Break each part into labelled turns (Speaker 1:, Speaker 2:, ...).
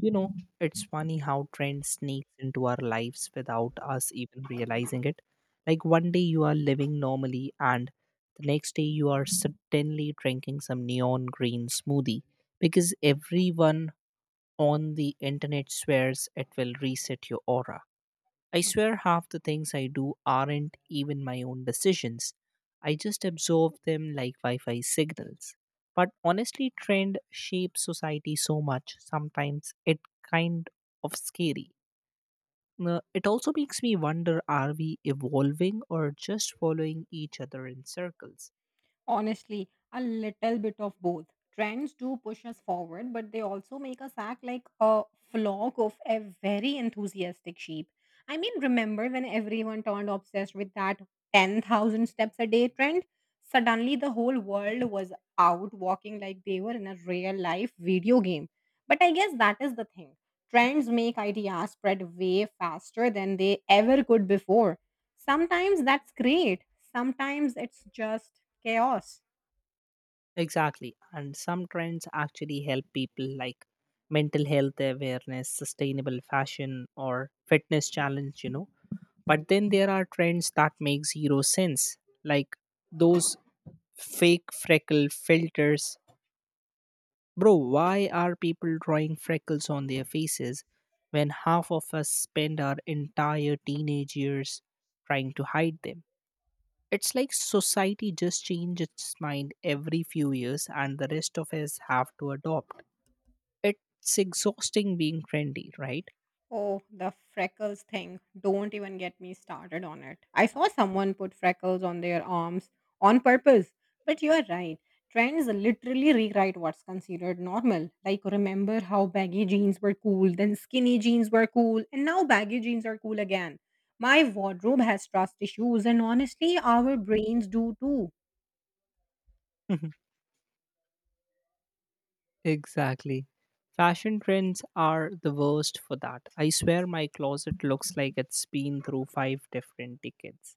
Speaker 1: You know, it's funny how trend sneaks into our lives without us even realizing it. Like one day you are living normally, and the next day you are suddenly drinking some neon green smoothie because everyone on the internet swears it will reset your aura. I swear half the things I do aren't even my own decisions. I just absorb them like Wi Fi signals. But honestly, trend shapes society so much, sometimes it kind of scary. It also makes me wonder, are we evolving or just following each other in circles?
Speaker 2: Honestly, a little bit of both. Trends do push us forward, but they also make us act like a flock of a very enthusiastic sheep. I mean, remember when everyone turned obsessed with that 10,000 steps a day trend? Suddenly, the whole world was out walking like they were in a real life video game. But I guess that is the thing. Trends make ideas spread way faster than they ever could before. Sometimes that's great. Sometimes it's just chaos.
Speaker 1: Exactly. And some trends actually help people, like mental health awareness, sustainable fashion, or fitness challenge, you know, but then there are trends that make zero sense, like those fake freckle filters. Bro, why are people drawing freckles on their faces when half of us spend our entire teenage years trying to hide them? It's like society just changes its mind every few years and the rest of us have to adopt. It's exhausting being trendy, right?
Speaker 2: Oh, the freckles thing. Don't even get me started on it. I saw someone put freckles on their arms on purpose. But you're right. Trends literally rewrite what's considered normal. Like, remember how baggy jeans were cool, then skinny jeans were cool, and now baggy jeans are cool again. My wardrobe has trust issues, and honestly, our brains do too.
Speaker 1: Mhm. Exactly. Fashion trends are the worst for that. I swear my closet looks like it's been through five different tickets.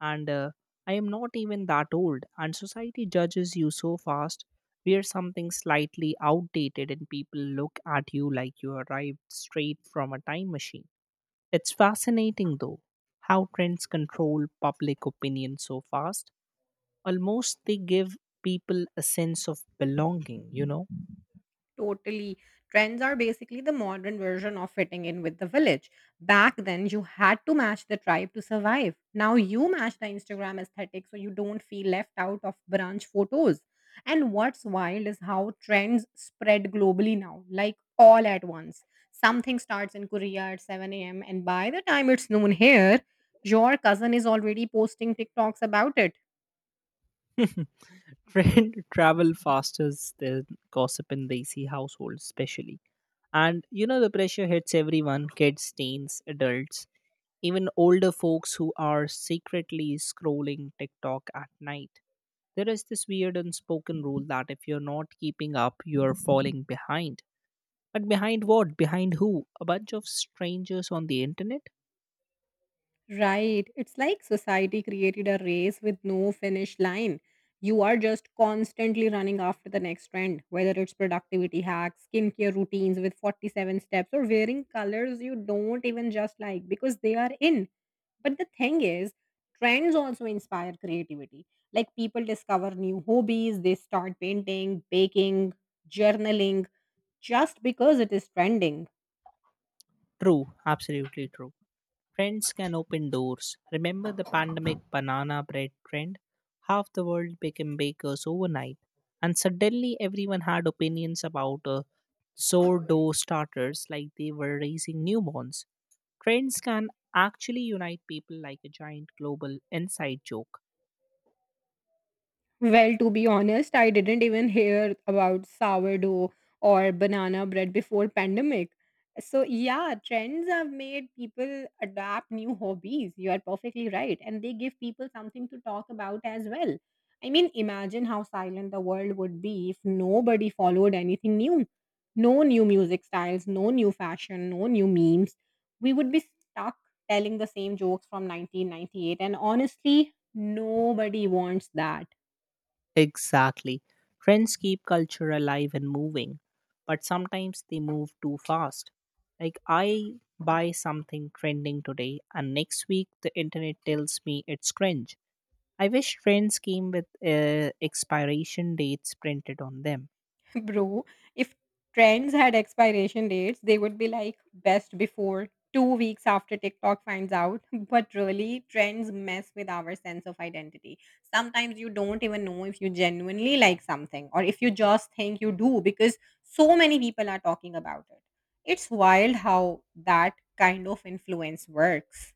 Speaker 1: And I am not even that old, and society judges you so fast. Wear something slightly outdated, and people look at you like you arrived straight from a time machine. It's fascinating, though, how trends control public opinion so fast. Almost they give people a sense of belonging, you know?
Speaker 2: Totally. Trends are basically the modern version of fitting in with the village. Back then, you had to match the tribe to survive. Now you match the Instagram aesthetic so you don't feel left out of brunch photos. And what's wild is how trends spread globally now, like all at once. Something starts in Korea at 7 a.m., and by the time it's noon here, your cousin is already posting TikToks about it.
Speaker 1: Trend travel faster than gossip in lazy households, especially. And you know, the pressure hits everyone, kids, teens, adults, even older folks who are secretly scrolling TikTok at night. There is this weird unspoken rule that if you're not keeping up, you're falling behind. But behind what? Behind who? A bunch of strangers on the internet?
Speaker 2: Right. It's like society created a race with no finish line. You are just constantly running after the next trend, whether it's productivity hacks, skincare routines with 47 steps, or wearing colors you don't even just like because they are in. But the thing is, trends also inspire creativity. Like people discover new hobbies, they start painting, baking, journaling just because it is trending.
Speaker 1: True, absolutely true. Friends can open doors. Remember the pandemic banana bread trend? Half the world became bakers overnight, and suddenly everyone had opinions about sourdough starters like they were raising newborns. Trends can actually unite people like a giant global inside joke.
Speaker 2: Well, to be honest, I didn't even hear about sourdough or banana bread before pandemic. So yeah, trends have made people adapt new hobbies. You are perfectly right. And they give people something to talk about as well. I mean, imagine how silent the world would be if nobody followed anything new. No new music styles, no new fashion, no new memes. We would be stuck telling the same jokes from 1998. And honestly, nobody wants that.
Speaker 1: Exactly. Trends keep culture alive and moving, but sometimes they move too fast. Like, I buy something trending today, and next week the internet tells me it's cringe. I wish trends came with expiration dates printed on them.
Speaker 2: Bro, if trends had expiration dates, they would be like best before 2 weeks after TikTok finds out. But really, trends mess with our sense of identity. Sometimes you don't even know if you genuinely like something or if you just think you do because so many people are talking about it. It's wild how that kind of influence works.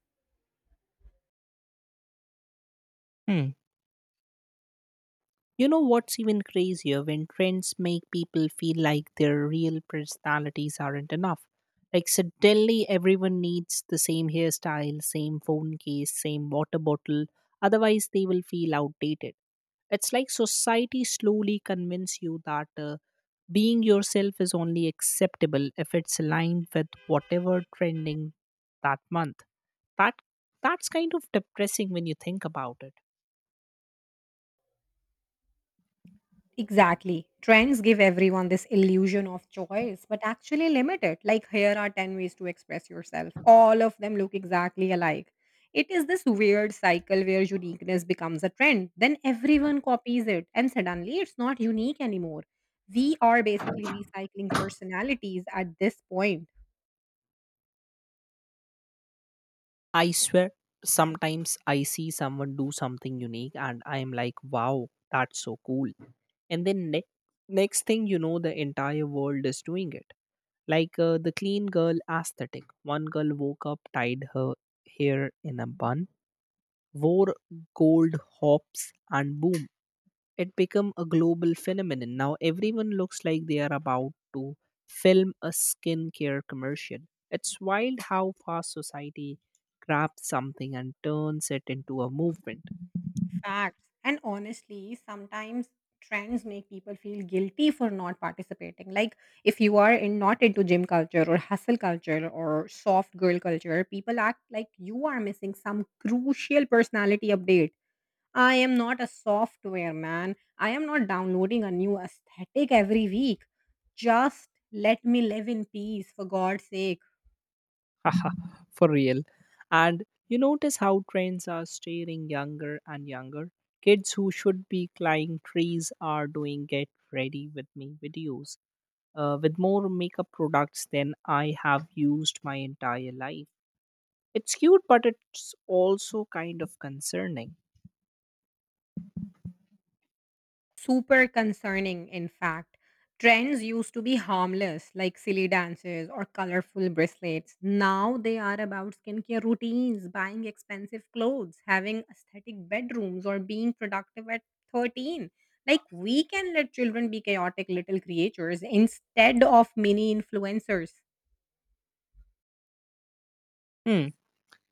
Speaker 1: Hmm. You know what's even crazier? When trends make people feel like their real personalities aren't enough. Like suddenly everyone needs the same hairstyle, same phone case, same water bottle, otherwise they will feel outdated. It's like society slowly convince you that being yourself is only acceptable if it's aligned with whatever trending that month. That that's kind of depressing when you think about it.
Speaker 2: Exactly. Trends give everyone this illusion of choice, but actually limit it. Like, here are 10 ways to express yourself. All of them look exactly alike. It is this weird cycle where uniqueness becomes a trend. Then everyone copies it, and suddenly it's not unique anymore. We are basically recycling personalities at this point.
Speaker 1: I swear, sometimes I see someone do something unique and I'm like, wow, that's so cool. And then next thing you know, the entire world is doing it. Like the clean girl aesthetic. One girl woke up, tied her hair in a bun, wore gold hops, and boom, it become a global phenomenon. Now everyone looks like they are about to film a skincare commercial. It's wild how fast society grabs something and turns it into a movement.
Speaker 2: Facts. And honestly, sometimes trends make people feel guilty for not participating. Like if you are in, not into gym culture or hustle culture or soft girl culture, people act like you are missing some crucial personality update. I am not a software man. I am not downloading a new aesthetic every week. Just let me live in peace for God's sake.
Speaker 1: Haha, for real. And you notice how trends are steering younger and younger kids who should be climbing trees are doing get ready with me videos, with more makeup products than I have used my entire life. It's cute, but it's also kind of concerning.
Speaker 2: Super concerning, in fact. Trends used to be harmless, like silly dances or colorful bracelets. Now they are about skincare routines, buying expensive clothes, having aesthetic bedrooms, or being productive at 13. Like, we can let children be chaotic little creatures instead of mini influencers.
Speaker 1: Hmm.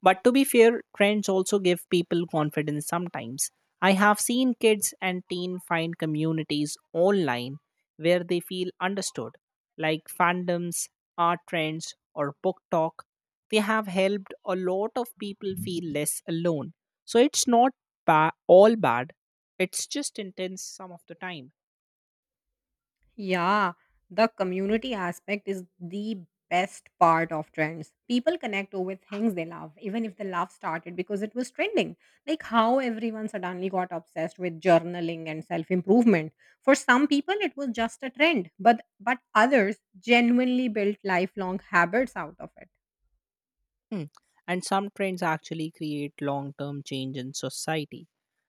Speaker 1: But to be fair, trends also give people confidence sometimes. I have seen kids and teen find communities online where they feel understood, like fandoms, art trends, or book talk. They have helped a lot of people feel less alone. So it's not all bad. It's just intense some of the time.
Speaker 2: Yeah, the community aspect is the best part of trends. People connect over things they love, even if the love started because it was trending. Like how everyone suddenly got obsessed with journaling and self-improvement. For some people it was just a trend, but others genuinely built lifelong habits out of it.
Speaker 1: Hmm. And some trends actually create long term change in society,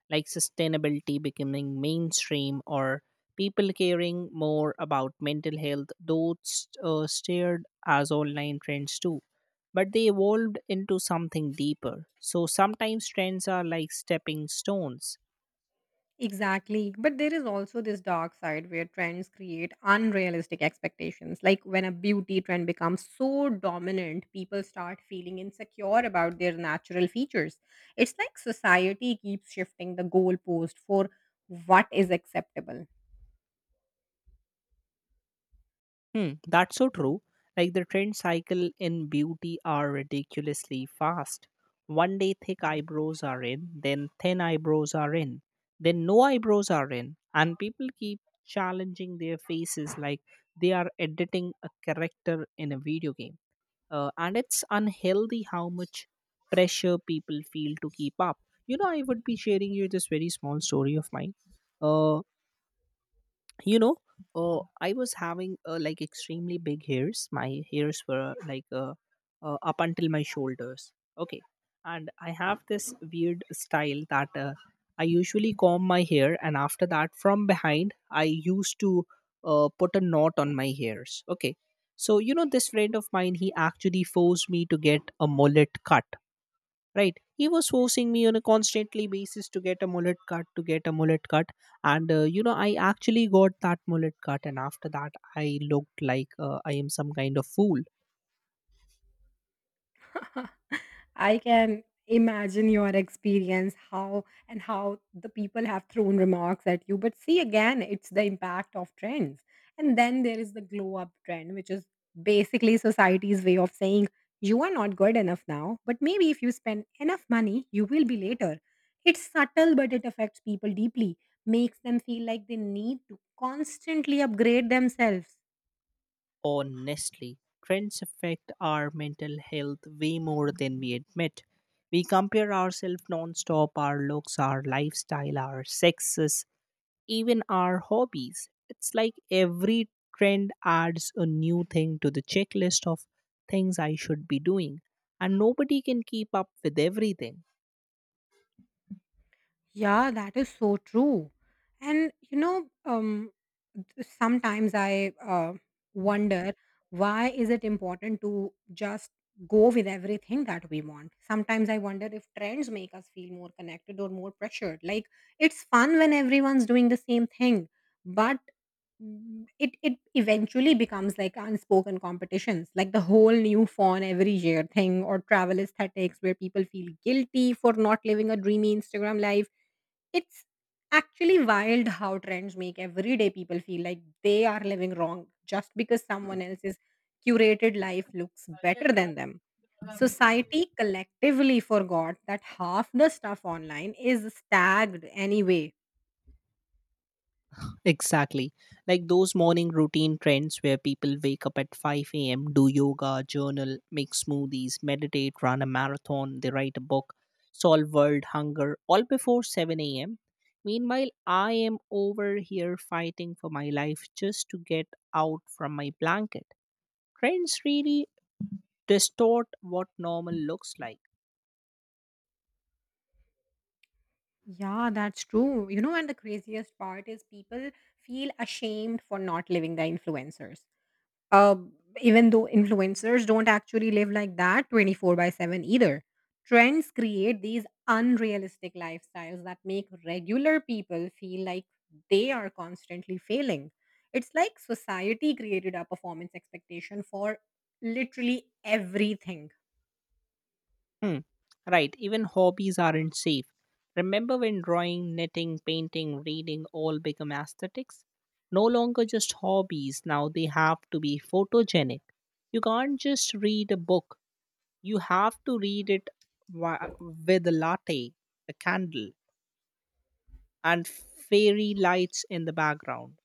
Speaker 1: like sustainability becoming mainstream or people caring more about mental health, though it's, steered as online trends too. But they evolved into something deeper. So sometimes trends are like stepping stones.
Speaker 2: Exactly. But there is also this dark side where trends create unrealistic expectations. Like when a beauty trend becomes so dominant, people start feeling insecure about their natural features. It's like society keeps shifting the goalpost for what is acceptable.
Speaker 1: Hmm, that's so true. Like the trend cycle in beauty are ridiculously fast. One day thick eyebrows are in, then thin eyebrows are in, then no eyebrows are in, and people keep challenging their faces like they are editing a character in a video game. And it's unhealthy how much pressure people feel to keep up. You know, I would be sharing you this very small story of mine. Uh, you know I was having like extremely big hairs. My hairs were like up until my shoulders, okay? And I have this weird style that I usually comb my hair and after that from behind I used to put a knot on my hairs, okay? So you know, this friend of mine, he actually forced me to get a mullet cut, right? He was forcing me on a constantly basis to get a mullet cut, and you know, I actually got that mullet cut, and after that I looked like I am some kind of fool.
Speaker 2: I can imagine your experience how and how the people have thrown remarks at you, but see again, it's the impact of trends. And then there is the glow up trend, which is basically society's way of saying you are not good enough now, but maybe if you spend enough money you will be later. It's subtle, but it affects people deeply. Makes them feel like they need to constantly upgrade themselves.
Speaker 1: Honestly, trends affect our mental health way more than we admit. We compare ourselves non-stop, our looks, our lifestyle, our sexes, even our hobbies. It's like every trend adds a new thing to the checklist of things I should be doing, and nobody can keep up with everything.
Speaker 2: Yeah, that is so true. And you know, sometimes I wonder why is it important to just go with everything that we want. Sometimes I wonder if trends make us feel more connected or more pressured. Like it's fun when everyone's doing the same thing, but it eventually becomes like unspoken competitions, like the whole new phone every year thing or travel aesthetics where people feel guilty for not living a dreamy Instagram life. It's actually wild how trends make everyday people feel like they are living wrong just because someone else's curated life looks better than them. Society collectively forgot that half the stuff online is tagged anyway.
Speaker 1: Exactly. Like those morning routine trends where people wake up at 5 a.m., do yoga, journal, make smoothies, meditate, run a marathon, they write a book, solve world hunger, all before 7 a.m. Meanwhile, I am over here fighting for my life just to get out from my blanket. Trends really distort what normal looks like.
Speaker 2: Yeah, that's true. You know, and the craziest part is people feel ashamed for not living the influencers. uh, Even though influencers don't actually live like that 24 by 7 either. Trends create these unrealistic lifestyles that make regular people feel like they are constantly failing. It's like society created a performance expectation for literally everything.
Speaker 1: Hmm. Right, even hobbies aren't safe. Remember when drawing, knitting, painting, reading all become aesthetics? No longer just hobbies, now they have to be photogenic. You can't just read a book, you have to read it with a latte, a candle, and fairy lights in the background.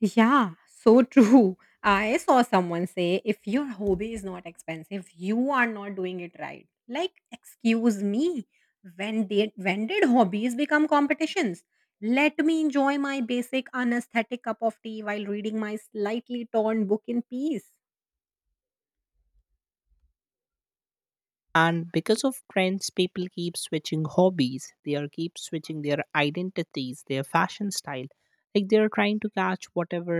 Speaker 2: Yeah, so true. I saw someone say if your hobby is not expensive, you are not doing it right. Like, excuse me, when did hobbies become competitions? Let me enjoy my basic unesthetic cup of tea while reading my slightly torn book in peace.
Speaker 1: And because of trends, people keep switching hobbies, they are keep switching their identities, their fashion style, like they are trying to catch whatever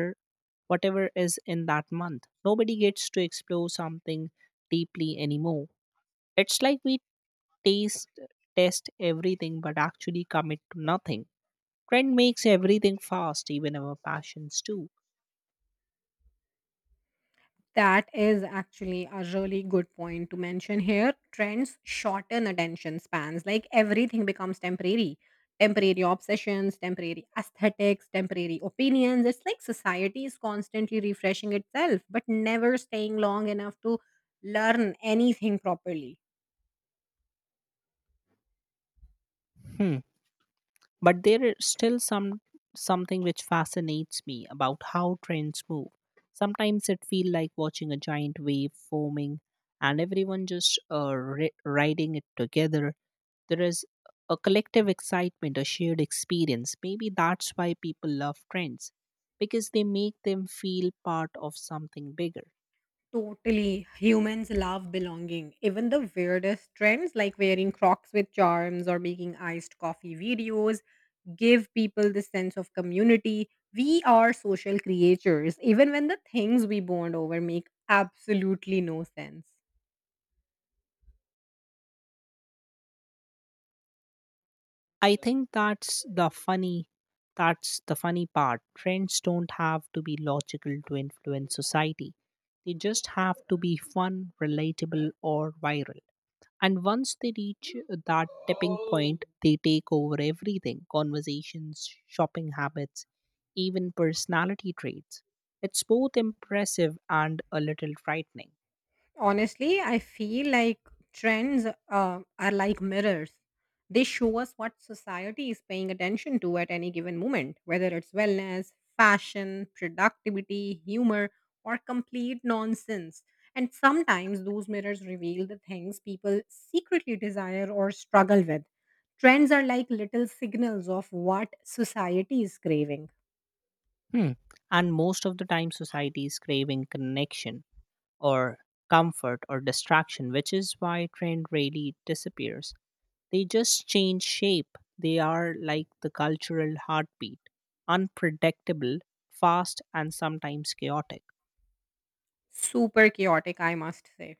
Speaker 1: whatever is in that month. Nobody gets to explore something deeply anymore. It's like we taste test everything but actually commit to nothing. Trend makes everything fast, even our passions too.
Speaker 2: That is actually a really good point to mention here. Trends shorten attention spans. Like everything becomes temporary. Temporary obsessions, temporary aesthetics, temporary opinions. It's like society is constantly refreshing itself, but never staying long enough to learn anything properly.
Speaker 1: Hmm. But there is still something which fascinates me about how trends move. Sometimes it feels like watching a giant wave forming and everyone just riding it together. There is a collective excitement, a shared experience. Maybe that's why people love trends, because they make them feel part of something bigger.
Speaker 2: Totally. Humans love belonging. Even the weirdest trends, like wearing crocs with charms or making iced coffee videos, give people this sense of community. We are social creatures, even when the things we bond over make absolutely no sense.
Speaker 1: I think that's the funny, that's the funny part. Trends don't have to be logical to influence society. They just have to be fun, relatable or viral. And once they reach that tipping point, they take over everything, conversations, shopping habits, even personality traits. It's both impressive and a little frightening.
Speaker 2: Honestly, I feel like trends are like mirrors. They show us what society is paying attention to at any given moment, whether it's wellness, fashion, productivity, humor, or complete nonsense. And sometimes those mirrors reveal the things people secretly desire or struggle with. Trends are like little signals of what society is craving.
Speaker 1: Hmm. And most of the time society is craving connection or comfort or distraction, which is why trend rarely disappears. They just change shape. They are like the cultural heartbeat, unpredictable, fast, and sometimes chaotic.
Speaker 2: Super chaotic, I must say.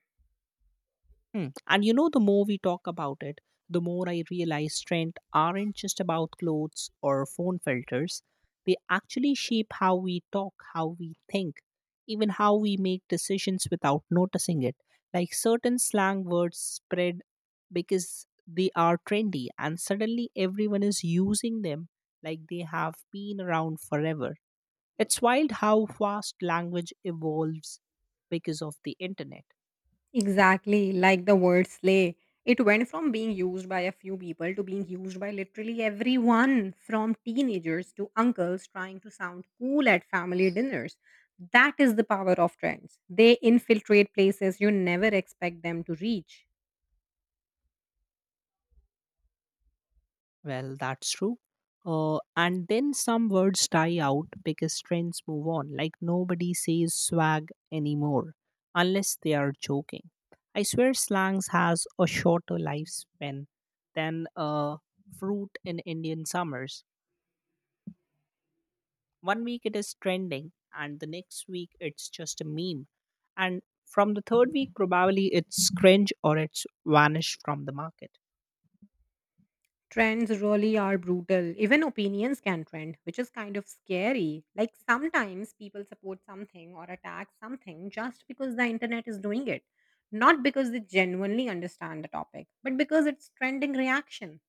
Speaker 1: Hmm. And you know, the more we talk about it, the more I realize trends aren't just about clothes or phone filters. They actually shape how we talk, how we think, even how we make decisions without noticing it. Like certain slang words spread because they are trendy, and suddenly everyone is using them like they have been around forever. It's wild how fast language evolves because of the internet.
Speaker 2: Exactly, like the word slay. It went from being used by a few people to being used by literally everyone, from teenagers to uncles trying to sound cool at family dinners. That is the power of trends. They infiltrate places you never expect them to reach.
Speaker 1: Well, that's true. And then some words die out because trends move on. Like nobody says swag anymore unless they are joking. I swear slangs has a shorter lifespan than a fruit in Indian summers. One week it is trending and the next week it's just a meme. And from the third week probably it's cringe or it's vanished from the market.
Speaker 2: Trends really are brutal. Even opinions can trend, which is kind of scary. Like sometimes people support something or attack something just because the internet is doing it, not because they genuinely understand the topic, but because it's trending reaction.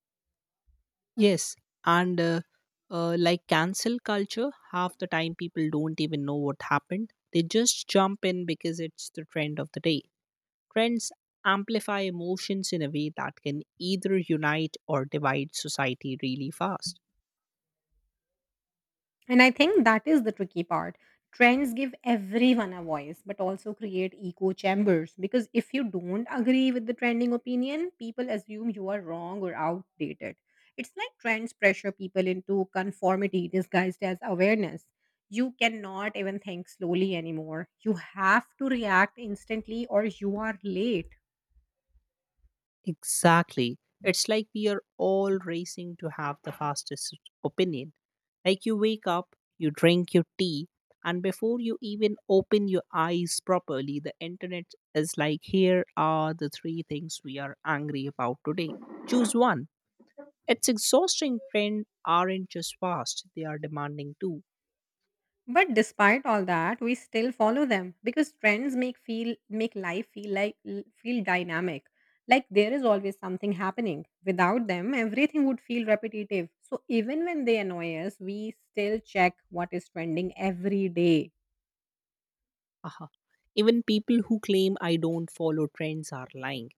Speaker 1: Yes, and like cancel culture, half the time people don't even know what happened. They just jump in because it's the trend of the day. Trends amplify emotions in a way that can either unite or divide society really fast.
Speaker 2: And I think that is the tricky part. Trends give everyone a voice, but also create echo chambers. Because if you don't agree with the trending opinion, people assume you are wrong or outdated. It's like trends pressure people into conformity disguised as awareness. You cannot even think slowly anymore. You have to react instantly or you are late.
Speaker 1: Exactly. It's like we are all racing to have the fastest opinion. Like you wake up, you drink your tea, and before you even open your eyes properly, the internet is like, here are the three things we are angry about today. Choose one. It's exhausting. Trends aren't just fast, they are demanding too.
Speaker 2: But despite all that, we still follow them because trends make life feel dynamic. Like there is always something happening. Without them, everything would feel repetitive. So even when they annoy us, we still check what is trending every day.
Speaker 1: Haha. Even people who claim I don't follow trends are lying.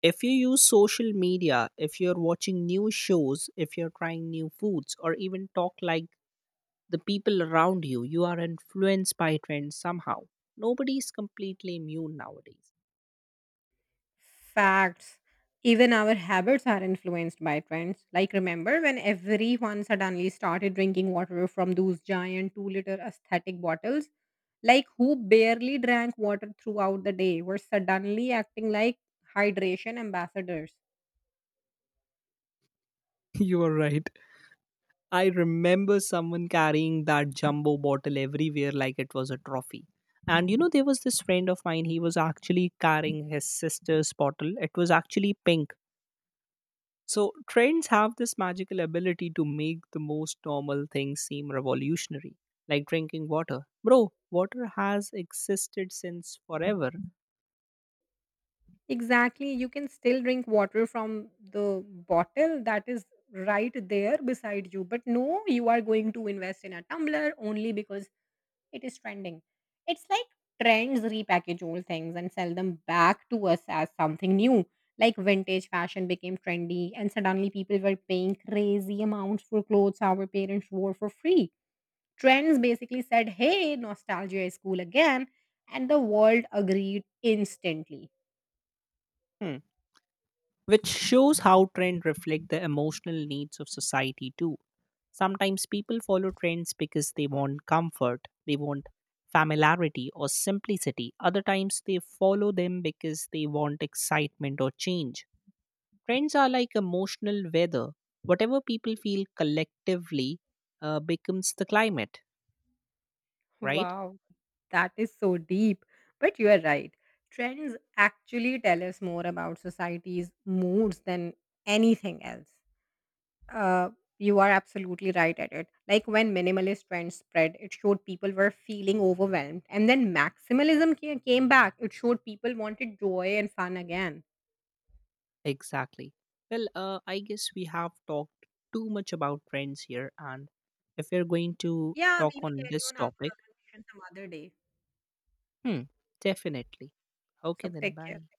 Speaker 1: If you use social media, if you're watching new shows, if you're trying new foods, or even talk like the people around you, you are influenced by trends somehow. Nobody is completely immune nowadays.
Speaker 2: Facts. Even our habits are influenced by trends. Like remember when everyone suddenly started drinking water from those giant 2-liter aesthetic bottles? Like who barely drank water throughout the day were suddenly acting like hydration ambassadors.
Speaker 1: You are right. I remember someone carrying that jumbo bottle everywhere like it was a trophy. And you know, there was this friend of mine, he was actually carrying his sister's bottle. It was actually pink. So, trends have this magical ability to make the most normal things seem revolutionary, like drinking water. Bro, water has existed since forever.
Speaker 2: Exactly, you can still drink water from the bottle that is right there beside you, but no, you are going to invest in a tumbler only because it is trending. It's like trends repackage old things and sell them back to us as something new. Like vintage fashion became trendy and suddenly people were paying crazy amounts for clothes our parents wore for free. Trends basically said, hey, nostalgia is cool again. And the world agreed instantly.
Speaker 1: Hmm. Which shows how trends reflect the emotional needs of society too. Sometimes people follow trends because they want comfort, they want familiarity or simplicity. Other times they follow them because they want excitement or change. Trends are like emotional weather. Whatever people feel collectively becomes the climate, right?
Speaker 2: Wow, that is so deep. But you are right. Trends actually tell us more about society's moods than anything else. Uh, you are absolutely right at it. Like when minimalist trends spread, it showed people were feeling overwhelmed. And then maximalism came back, it showed people wanted joy and fun again.
Speaker 1: Exactly. Well, I guess we have talked too much about trends here, and if we're going to
Speaker 2: Yeah, we
Speaker 1: talk
Speaker 2: will
Speaker 1: on
Speaker 2: carry
Speaker 1: this
Speaker 2: on our
Speaker 1: topic,
Speaker 2: conversation some other day.
Speaker 1: hmm, definitely. Okay,
Speaker 2: So
Speaker 1: then
Speaker 2: take care.
Speaker 1: bye.